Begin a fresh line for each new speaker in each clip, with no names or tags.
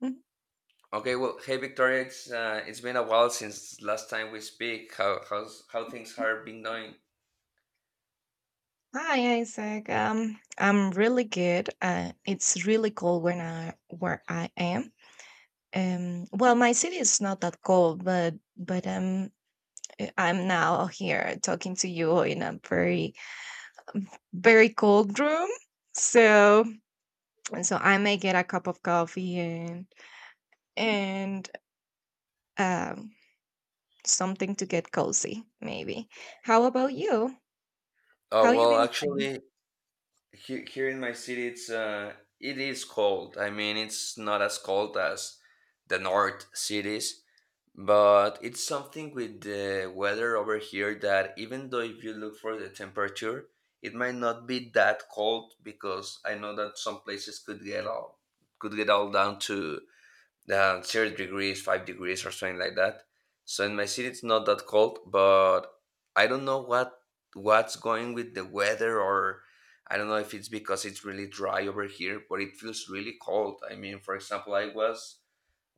Mhm.
Okay, well, hey Victoria, it's been a while since last time we speak. How how's how things have been going?
Hi, Isaac. I'm really good. It's really cold when I where I am. Well, my city is not that cold, but I'm now here talking to you in a very very cold room. So and so I may get a cup of coffee and um something to get cozy, maybe. How about you?
Uh,
How you
well,
been doing?
actually, here in my city, it is cold. I mean, it's not as cold as the north cities, but it's something with the weather over here that even though if you look for the temperature, it might not be that cold because I know that some places could get all down to 0 degrees, 5 degrees, or something like that. So in my city, it's not that cold, but I don't know what's going with the weather, or I don't know if it's because it's really dry over here, but it feels really cold. I mean, for example, I was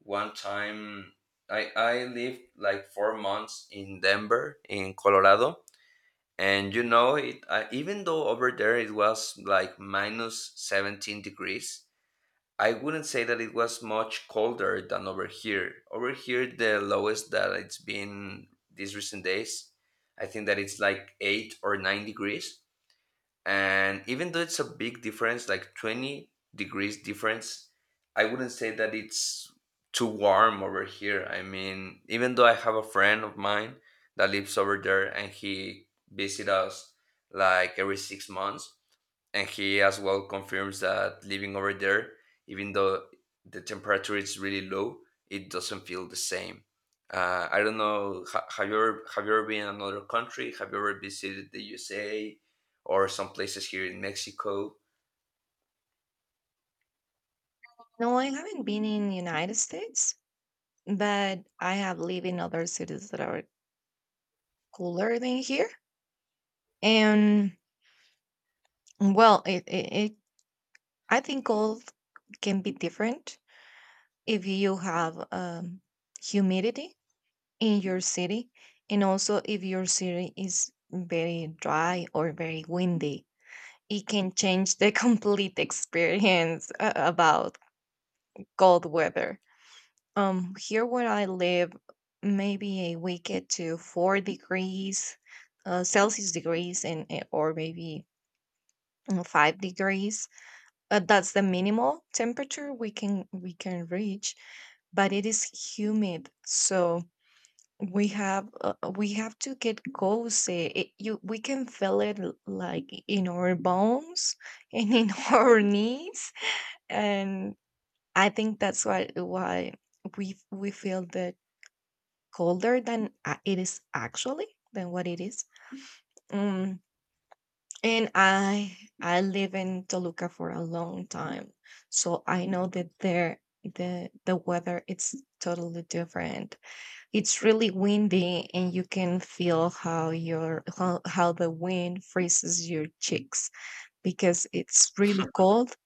one time. I lived like 4 months in Denver, in Colorado, and you know it. Even though over there it was like minus -17 degrees, I wouldn't say that it was much colder than over here. Over here, the lowest that it's been these recent days, I think that it's like 8 or 9 degrees. And even though it's a big difference, like 20 degrees difference, I wouldn't say that it's too warm over here. I mean, even though I have a friend of mine that lives over there and he visits us like every 6 months, and he as well confirms that living over there, even though the temperature is really low, it doesn't feel the same. I don't know. Have you ever been in another country? Have you ever visited the USA or some places here in Mexico?
No, I haven't been in the United States. But I have lived in other cities that are cooler than here. And well, it I think cold can be different if you have humidity in your city, and also if your city is very dry or very windy. It can change the complete experience about cold weather. Here where I live, maybe a wicked to 4 degrees Celsius degrees and or maybe 5 degrees. That's the minimal temperature we can reach, but it is humid, so we have to get cozy. It, you we can feel it like in our bones and in our knees, and I think that's why we feel the colder than what it is. Mm, and I live in Toluca for a long time, so I know that there the weather it's totally different. It's really windy, and you can feel how the wind freezes your cheeks because it's really cold,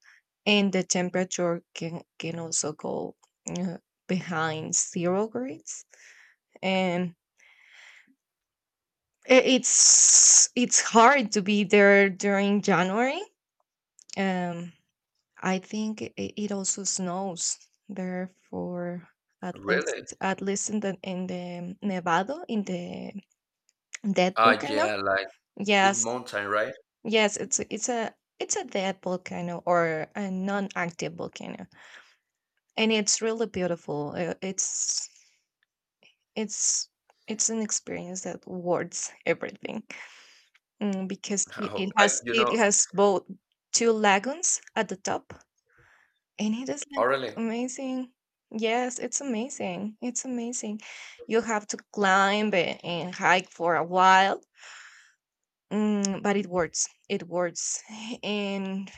and the temperature can also go uh, behind 0 degrees, and it's hard to be there during January. Um, I think it also snows there for at
Really?
least at least in the Nevado, in the dead
Ah,
volcano.
yeah, like this
Yes,
mountain, right?
yes, it's a dead volcano, or a non-active volcano, and it's really beautiful. It's it's an experience that wards everything. Because it,
Oh,
it
I,
has
you know,
it has both two lagoons at the top, and it is
oh,
like
really?
amazing. Yes, it's amazing. It's amazing. You have to climb and hike for a while, but it works. It works, and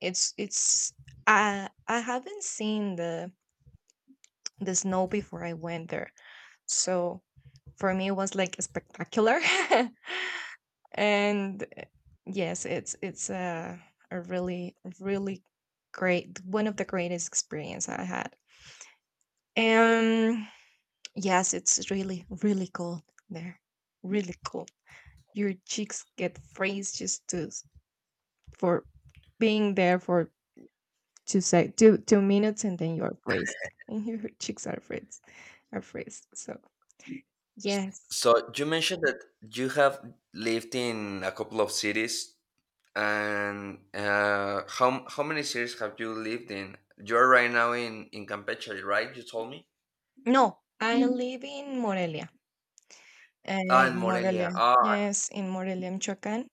it's it's. I haven't seen the snow before I went there, so for me it was like spectacular. and yes, it's a really really great, one of the greatest experience I had. And yes, it's really really cold there, really cold. Your cheeks get freeze, just for being there for two sec two two minutes, and then you're freezed and your cheeks are freezed so yes.
So you mentioned that you have lived in a couple of cities. And how many cities have you lived in? You're right now in Campeche, right? You told me.
No, I live in Morelia,
Ah,
in
in
Morelia.
Morelia. Ah,
Yes, in Morelia, michoacan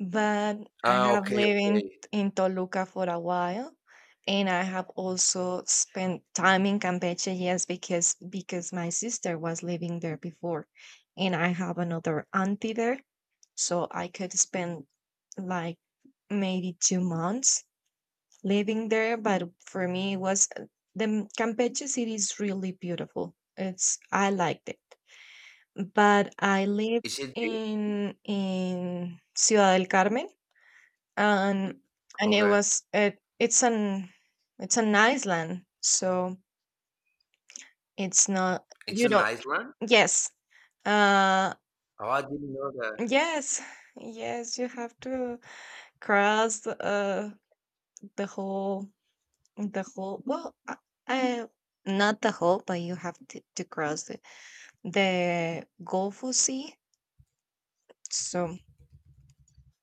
But I
ah,
have
okay,
lived in,
okay.
in Toluca for a while, and I have also spent time in Campeche, yes, because my sister was living there before, and I have another auntie there, so I could spend like maybe 2 months living there. But for me, it was the Campeche city is really beautiful. It's I liked it, but I lived
Is it big?
in Ciudad del Carmen, and and
Okay,
it's an island, so it's not
it's
you
an
don't
island.
yes. uh
Oh, I didn't know that.
yes, yes, you have to cross the whole the whole well uh, not the whole, but you have to, cross the gulf sea, so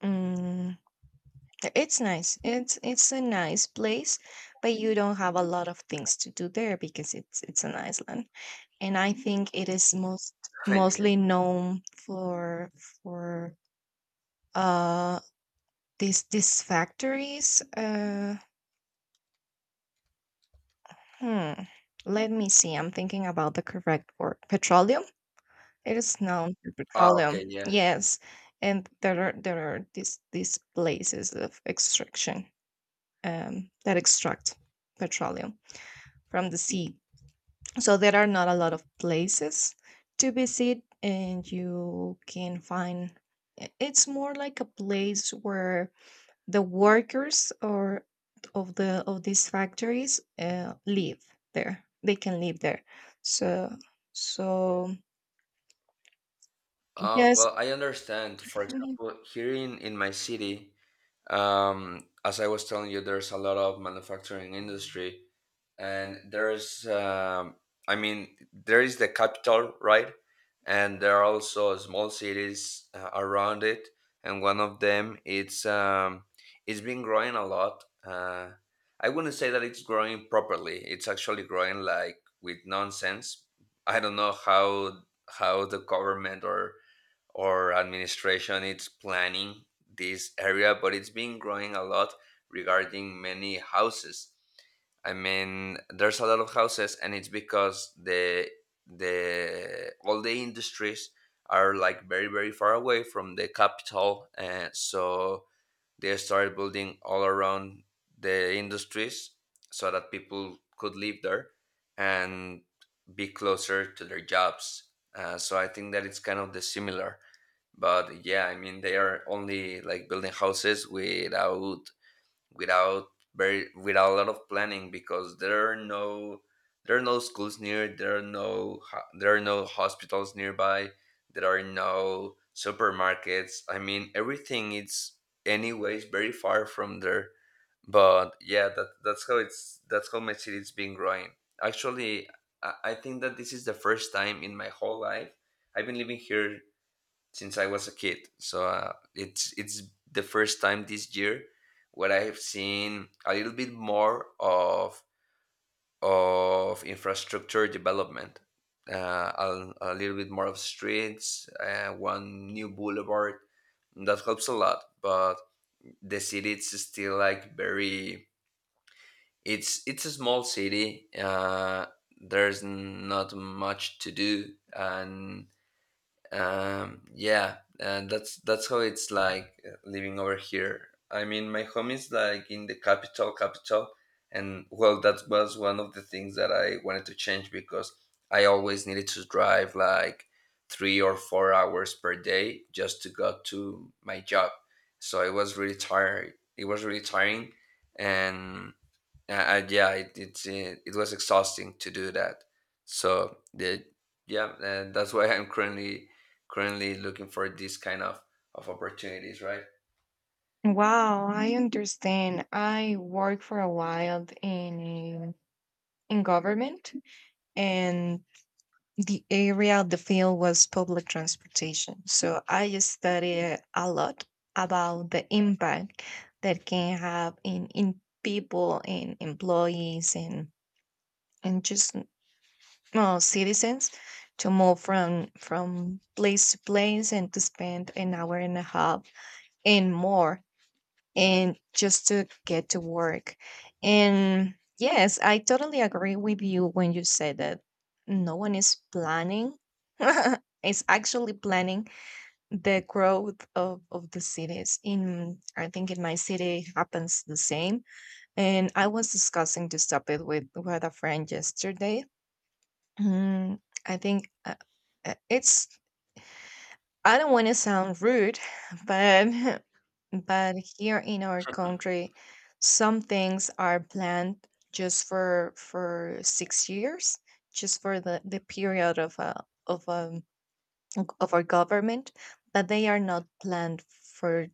mm it's nice, it's a nice place, but you don't have a lot of things to do there, because it's an island. And I think it is
Yeah.
mostly known for for uh these factories. Hmm. Let me see. I'm thinking about the correct word. Petroleum. It is known for
Ah,
petroleum.
okay, yeah.
Yes, and there are these places of extraction that extract petroleum from the sea. So there are not a lot of places to visit, and you can find it's more like a place where the workers, or of these factories, live there. They can live there, so so yes.
Well, I understand. For
Mhm.
example, here in my city, as I was telling you, there's a lot of manufacturing industry, and there's I mean there is the capital, right? And there are also small cities around it, and one of them, it's been growing a lot. I wouldn't say that it's growing properly, it's actually growing like with nonsense. I don't know how the government or administration is planning this area, but it's been growing a lot regarding many houses. I mean, there's a lot of houses, and it's because the all the industries are like very far away from the capital, and so they started building all around the industries so that people could live there and be closer to their jobs. So I think that it's kind of the similar, but yeah, I mean they are only like building houses without without very without a lot of planning because there are no schools near, there are there are no hospitals nearby, there are no supermarkets. I mean, everything is anyways very far from there, but yeah, that's how it's, that's how my city's been growing. Actually, I think that this is the first time in my whole life. I've been living here since I was a kid. So it's the first time this year where I have seen a little bit more of infrastructure development, a little bit more of streets, one new boulevard. That helps a lot, but the city it's still like very. It's a small city. There's not much to do, and yeah, and that's how it's like living over here. I mean, my home is like in the capital, capital, and well, that was one of the things that I wanted to change because I always needed to drive like 3 or 4 hours per day just to go to my job. So it was really tired. It was really tiring, and yeah, it, it was exhausting to do that. So the yeah, and that's why I'm currently looking for this kind of opportunities, right?
Wow, I understand. I worked for a while in government, and the area, the film was public transportation. So I studied a lot about the impact that can have in people and employees, and just citizens, to move from place to place, and to spend an hour and a half and more, and just to get to work. And yes, I totally agree with you when you say that no one is planning, is actually planning the growth of the cities. In I think in my city happens the same. And I was discussing this topic with a friend yesterday. Mm, I think it's I don't want to sound rude, but but here in our country, some things are planned just for 6 years, just for the period of a of our government, but they are not planned for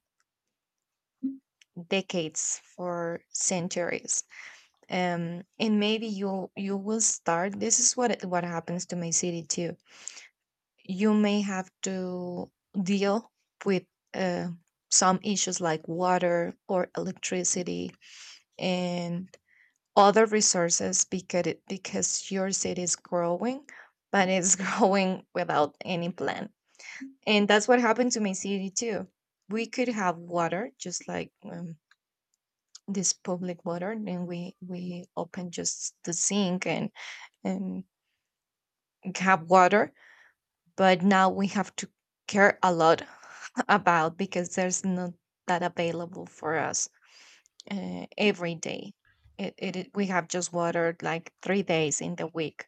decades, for centuries. And maybe you will start. This is what happens to my city too. You may have to deal with uh, some issues like water or electricity and other resources, because because your city is growing, but it's growing without any plan. And that's what happened to my city too. We could have water, just like this public water, and we open just the sink and have water. But now we have to care a lot about, because there's not that available for us every day. It we have just water like 3 days in the week,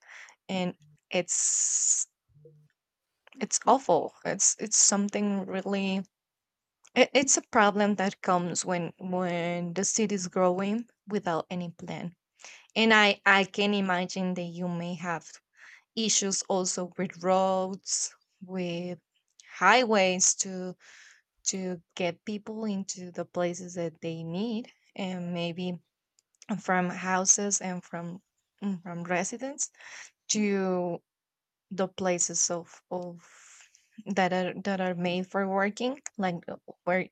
and it's it's awful. It's something really. It's a problem that comes when the city is growing without any plan, and I can imagine that you may have issues also with roads, with highways too, to get people into the places that they need, and maybe from houses and from residents to the places of that are made for working, like where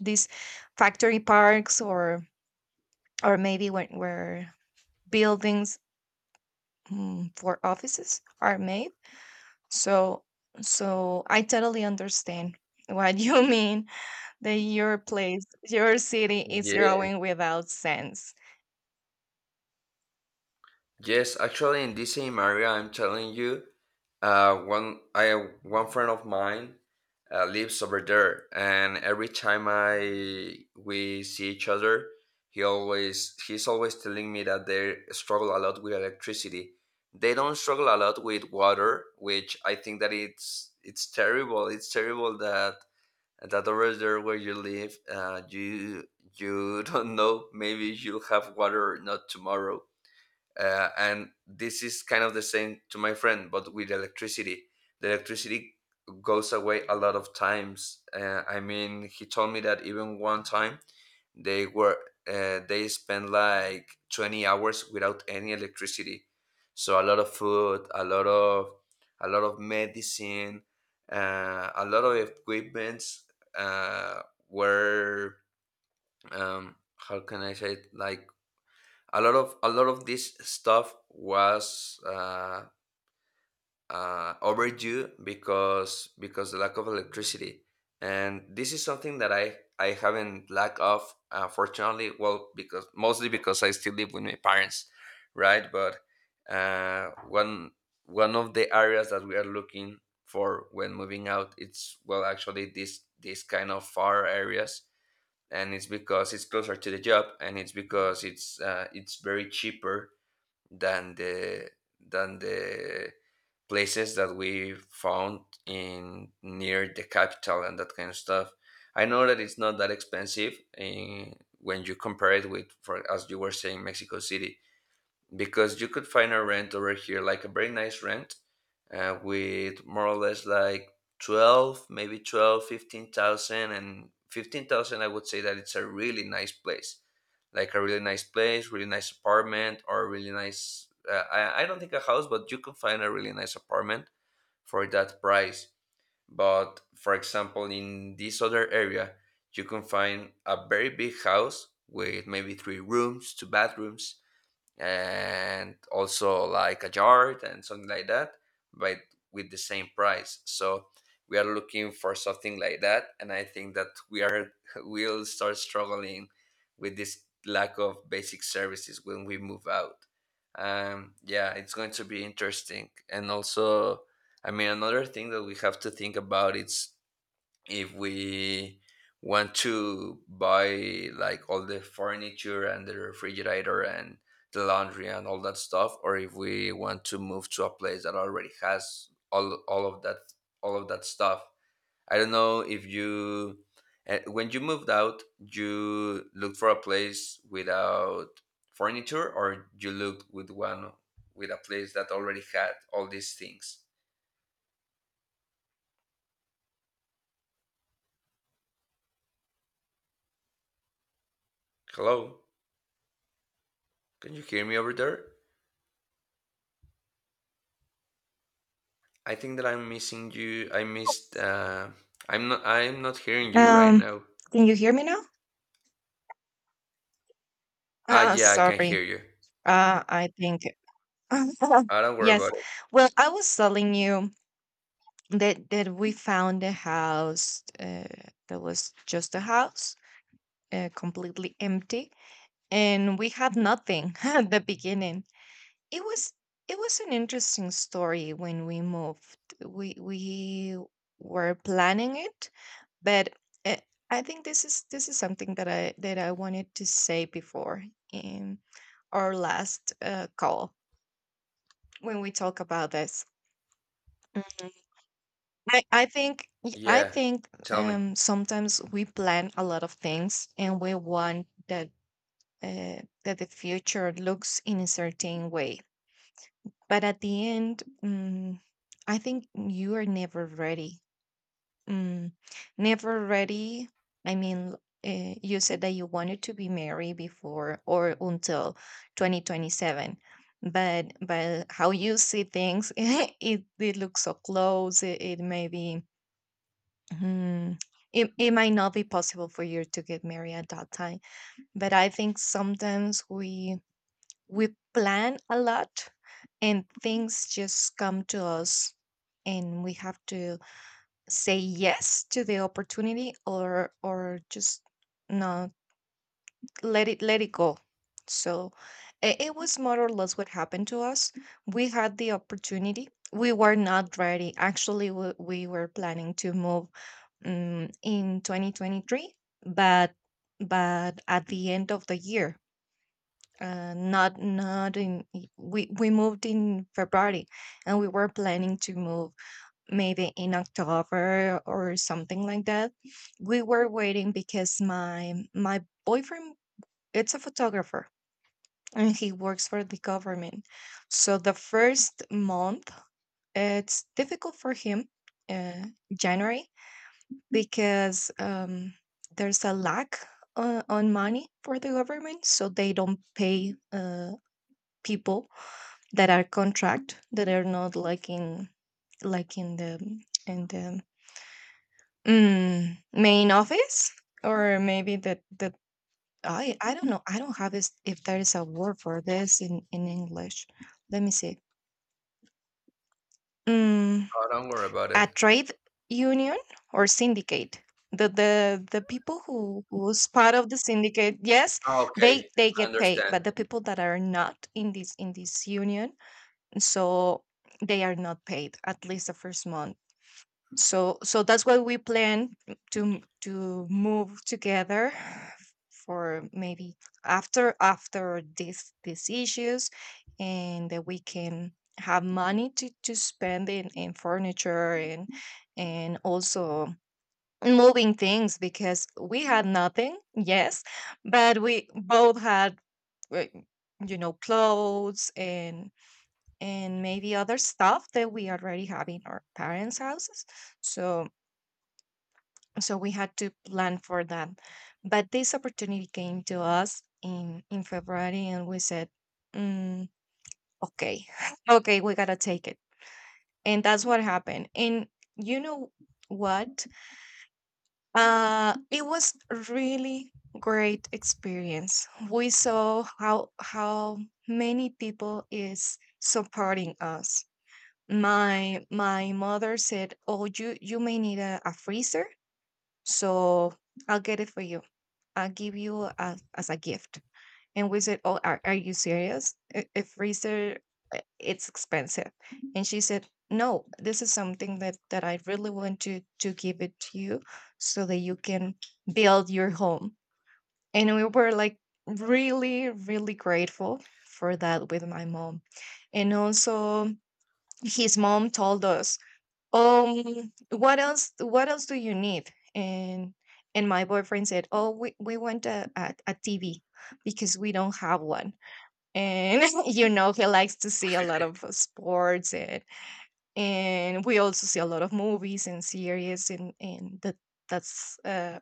these factory parks, or maybe where buildings, for offices are made, so so I totally understand what you mean, that your place, your city is
Yeah.
growing without sense.
Yes, actually, in this same area, I'm telling you, uh, one I one friend of mine lives over there, and every time I we see each other, he's always telling me that they struggle a lot with electricity. They don't struggle a lot with water, which I think that it's terrible. It's terrible that that over there where you live, you don't know, maybe you'll have water or not tomorrow. And this is kind of the same to my friend but with electricity. The electricity goes away a lot of times. I mean, he told me that even one time they were they spent like 20 hours without any electricity, so a lot of food, a lot of medicine, a lot of equipments uh, were, how can I say it, like a lot of this stuff was overdue because the lack of electricity. And this is something that I haven't lack of, fortunately, well, because mostly because I still live with my parents, right? But uh, one one of the areas that we are looking for when moving out, it's, well, actually, this kind of far areas, and it's because it's closer to the job and it's because it's very cheaper than the than the places that we found in near the capital and that kind of stuff. I know that it's not that expensive in when you compare it with, for as you were saying, Mexico City, because you could find a rent over here like a very nice rent with more or less like 12, maybe 12, 15,000. And 15,000 I would say that it's a really nice place, like a really nice place, really nice apartment, or a really nice I don't think a house, but you can find a really nice apartment for that price. But for example, in this other area you can find a very big house with maybe three rooms, two bathrooms, and also like a yard and something like that, but with the same price. So we are looking for something like that, and I think that we are will start struggling with this lack of basic services when we move out. Yeah, it's going to be interesting, and also, I mean, another thing that we have to think about is if we want to buy like all the furniture and the refrigerator and the laundry and all that stuff, or if we want to move to a place that already has all of that stuff. I don't know if when you moved out you looked for a place without furniture, or you looked with a place that already had all these things. Hello, can you hear me over there? I think that I'm missing you. I missed. I'm not. I'm not hearing you right
Um,
now.
can you hear me now?
Ah, yeah, I can
Sorry.
hear you.
I think.
I don't worry about
Yes.
it.
Well, I was telling you that we found a house, that was just a house, completely empty, and we had nothing at the beginning. It was it was an interesting story when we moved. We were planning it, but uh, I think this is something that I wanted to say before in our last call when we talk about this. Mhm. I, I think y- I
Yeah,
think
tell me.
um, sometimes we plan a lot of things, and we want that the future looks in a certain way. But at the end, I think you are never ready. Mm, never ready. I mean, you said that you wanted to be married before or until 2027, but how you see things, it looks so close. It may be. hmm, it might not be possible for you to get married at that time. But I think sometimes we plan a lot, and things just come to us, and we have to say yes to the opportunity, or just no, let it go. So it was more or less what happened to us. We had the opportunity, we were not ready actually. We were planning to move in 2023, but but at the end of the year, not not in we moved in February. And we were planning to move maybe in October or something like that. We were waiting because my boyfriend it's a photographer, and he works for the government. So the first month it's difficult for him, uh, January, because there's a lack on money for the government, so they don't pay people that are contract, that are not like in the main office? Or maybe the I don't know. I don't have is if there is a word for this in English. Let me see. Mm,
Oh, don't worry about it.
a trade union, or syndicate. The the the people who's part of the syndicate, yes,
Ah, okay,
they
I
get paid,
understand.
but the people that are not in this union, so they are not paid at least the first month. So that's why we plan to move together for maybe after these issues, and that we can have money to spend in furniture and also moving things because we had nothing. Yes, but we both had uh, clothes and maybe other stuff that we already have in our parents houses. So so we had to plan for that. But this opportunity came to us in February, and we said, mm, okay, okay, we gotta take it. And that's what happened. And you know what uh it was a really great experience. We saw how many people is supporting us. My mother said, "Oh, you may need a freezer, so I'll get it for you. I'll give you as a gift." And we said, "Oh, are you serious? A freezer, it's expensive." And she said, "No, this is something that, that I really want to give it to you, so that you can build your home." And we were like really, really grateful for that, with my mom. And also, his mom told us, "What else, what else do you need?" And my boyfriend said, "Oh, we want a, TV, because we don't have one." And you know, he likes to see a lot of sports. And we also see a lot of movies and series, and that that's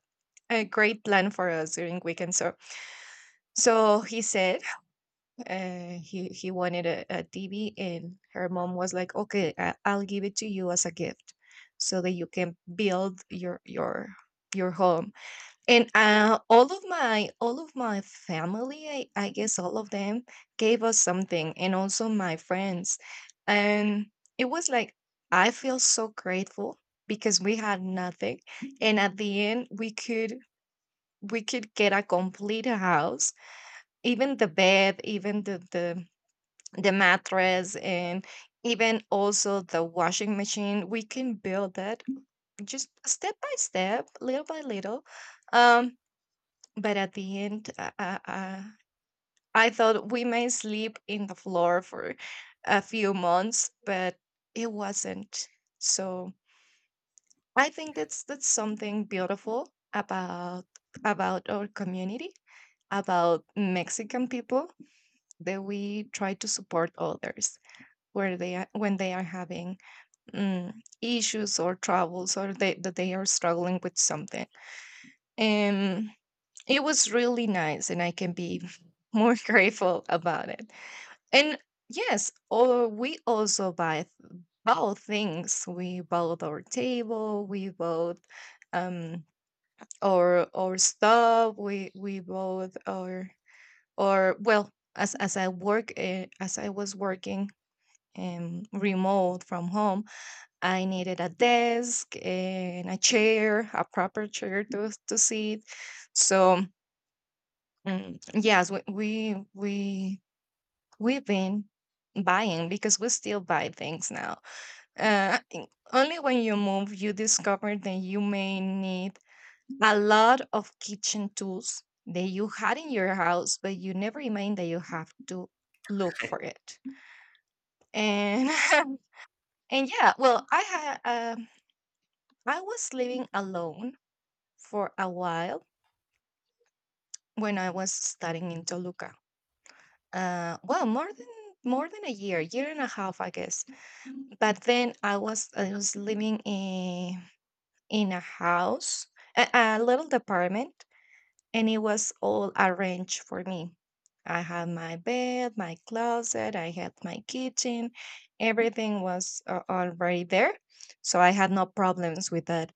a great plan for us during weekends. So he said, and he wanted a, TV, and her mom was like, "Okay, I, I'll give it to you as a gift, so that you can build your home." And all of my family, I guess all of them gave us something, and also my friends, and it was like, I feel so grateful, because we had nothing, and at the end we could get a complete house. Even the bed, even the mattress, and even also the washing machine. We can build that just step by step, little by little. um but at the end, I thought we may sleep in the floor for a few months, but it wasn't. so I think that's something beautiful about about our community, about Mexican people, that we try to support others where they are, when they are having mm, issues or troubles, or they, that they are struggling with something. And it was really nice, and I can be more grateful about it. And yes, or we also buy both things. We bought our table. We bought um, our stuff. We bought our, or well, as I work, as I was working remote from home, I needed a desk and a chair, a proper chair to sit. So yes, we've been buying, because we still buy things now. Uh, in- Only when you move, you discover that you may need a lot of kitchen tools that you had in your house, but you never imagined that you have to look for it. And and yeah, well, I had um I was living alone for a while when I was studying in Toluca. Well, more than a year, year and a half, I guess. Mm. But then I was living in a house, a little apartment, and it was all arranged for me. I had my bed, my closet, I had my kitchen, everything was already there, so I had no problems with that.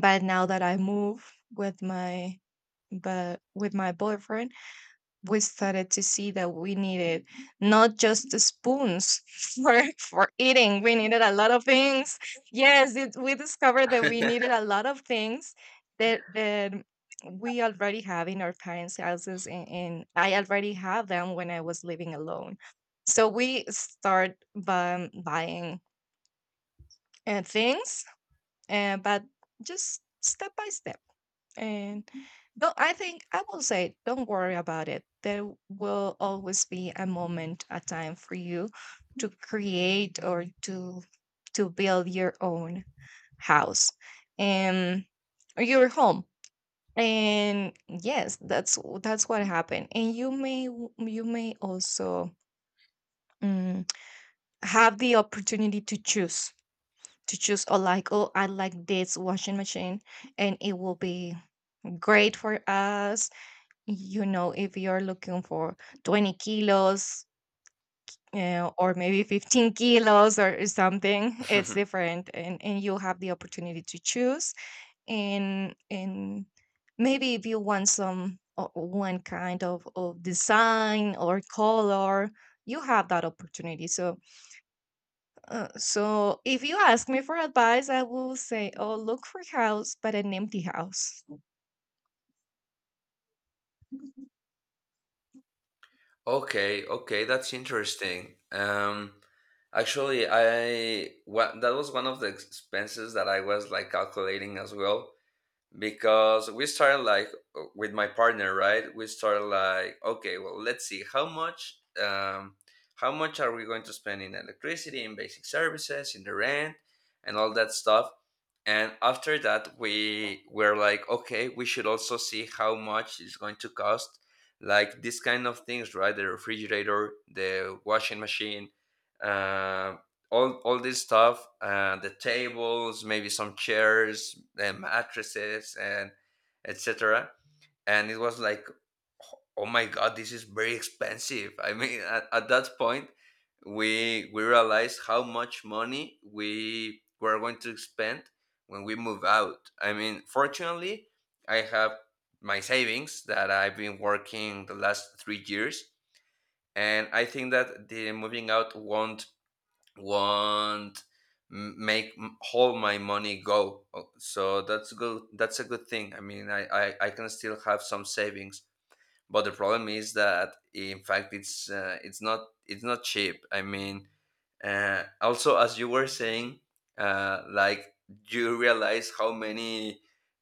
But now that I move with my, but with my boyfriend, we started to see that we needed not just the spoons for eating, we needed a lot of things. Yes, it, we discovered that we needed a lot of things, that we already have in our parents houses, and I already have them when I was living alone. So we start by buying things, but just step by step. And no, I think I will say, don't worry about it. There will always be a moment, a time for you to create, or to build your own house, and, or your home. And yes, that's what happened. And you may w- you may also mm, have the opportunity to choose, to choose or like, "Oh, I like this washing machine and it will be great for us." You know, if you're looking for 20 kilos, or maybe 15 kilos or something, it's different. And you have the opportunity to choose. And maybe if you want some one kind of design or color, you have that opportunity. So, so if you ask me for advice, I will say, oh, look for house, but an empty house.
Okay, okay, that's interesting. Actually, I what that was one of the expenses that I was like calculating as well, because we started like with my partner, right? We started like, okay, well, let's see how much are we going to spend in electricity, in basic services, in the rent and all that stuff. And after that we were like, okay, we should also see how much it's going to cost like this kind of things, right? The refrigerator, the washing machine, uh, all this stuff, the tables, maybe some chairs and mattresses and etc. And it was like, oh my god, this is very expensive. I mean, at that point we realized how much money we were going to spend when we move out. I mean, fortunately, I have my savings that I've been working the last 3 years, and I think that the moving out won't make all my money go. Oh, so that's good, that's a good thing. I mean, I can still have some savings. But the problem is that in fact it's not cheap. I mean, also as you were saying, like you realize how many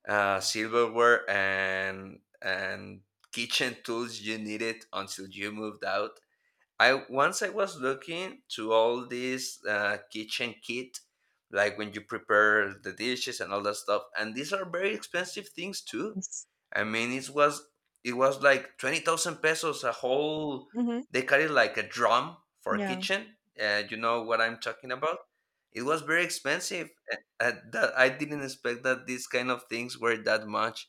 silverware and kitchen tools you needed until you moved out. I once I was looking to all these kitchen kit, like when you prepare the dishes and all that stuff, and these are very expensive things too.
Yes.
I mean, it was like 20,000 pesos a whole.
Mhm.
They carry like a drum for
Yeah.
kitchen. You know what I'm talking about. It was very expensive. That I didn't expect that these kind of things were that much.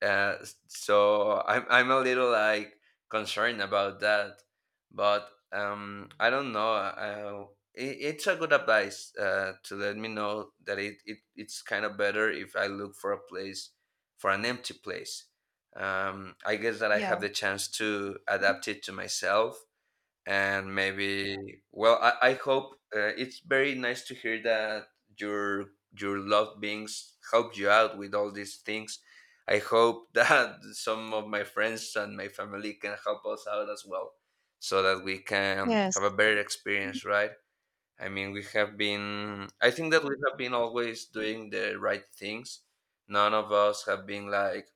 Uh, so I'm a little like concerned about that, but I don't know. It, it's a good advice to let me know that it it's kind of better if I look for a place for an empty place. I guess that I have
Yeah.
the chance to adapt it to myself, and maybe, well, I hope, it's very nice to hear that your your loved beings help you out with all these things. I hope that some of my friends and my family can help us out as well, so that we can have a
Yes.
better experience, right? I mean, we have been, I think that we have been always doing the right things. None of us have been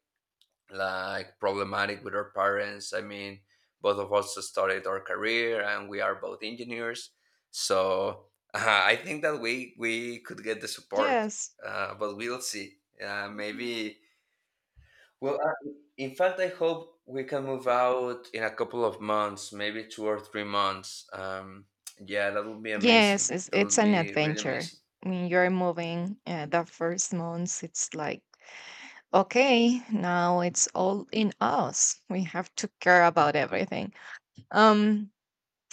like problematic with our parents. I mean, both of us started our career and we are both engineers. So I think that we could get the support,
Yes.
but we'll see. Maybe. Well, in fact, I hope we can move out in a couple of months, maybe 2 or 3 months. Yeah, that would be
Yes,
amazing.
it's
That would
an
be really
adventure.
amazing.
When you're moving, the first months, it's like, okay, now it's all in us. We have to care about everything. Um,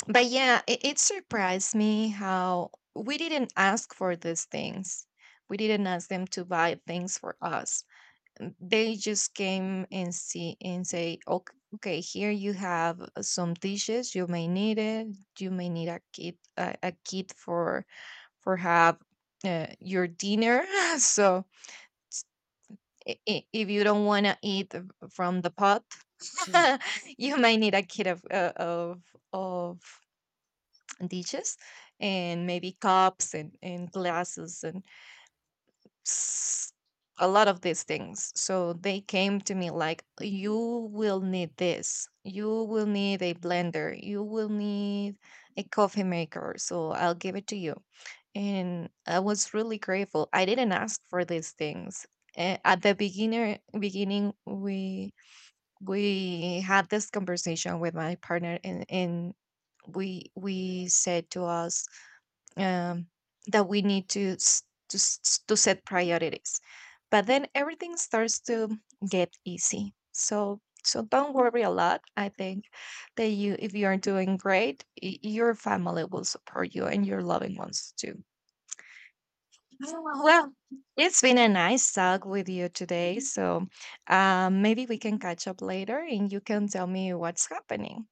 but yeah, it surprised me how we didn't ask for these things. We didn't ask them to buy things for us. They just came and see and say, "Okay, okay, here you have some dishes, you may need it, you may need a kit, a kit for have your dinner." So if you don't want to eat from the pot you may need a kit of of dishes and maybe cups and glasses and s- a lot of these things. So they came to me like, "You will need this. You will need a blender. You will need a coffee maker. So I'll give it to you." And I was really grateful. I didn't ask for these things. At the beginner beginning, we had this conversation with my partner, and we said to us, um, that we need to set priorities. But then everything starts to get easy. So don't worry a lot. I think that you, if you are doing great, your family will support you, and your loving ones too. Oh, well, it's been a nice talk with you today. So maybe we can catch up later and you can tell me what's happening.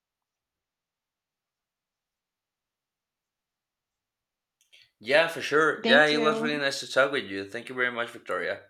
Yeah, for sure. Yeah,
Thank
it was
you.
really nice to talk with you. Thank you very much, Victoria.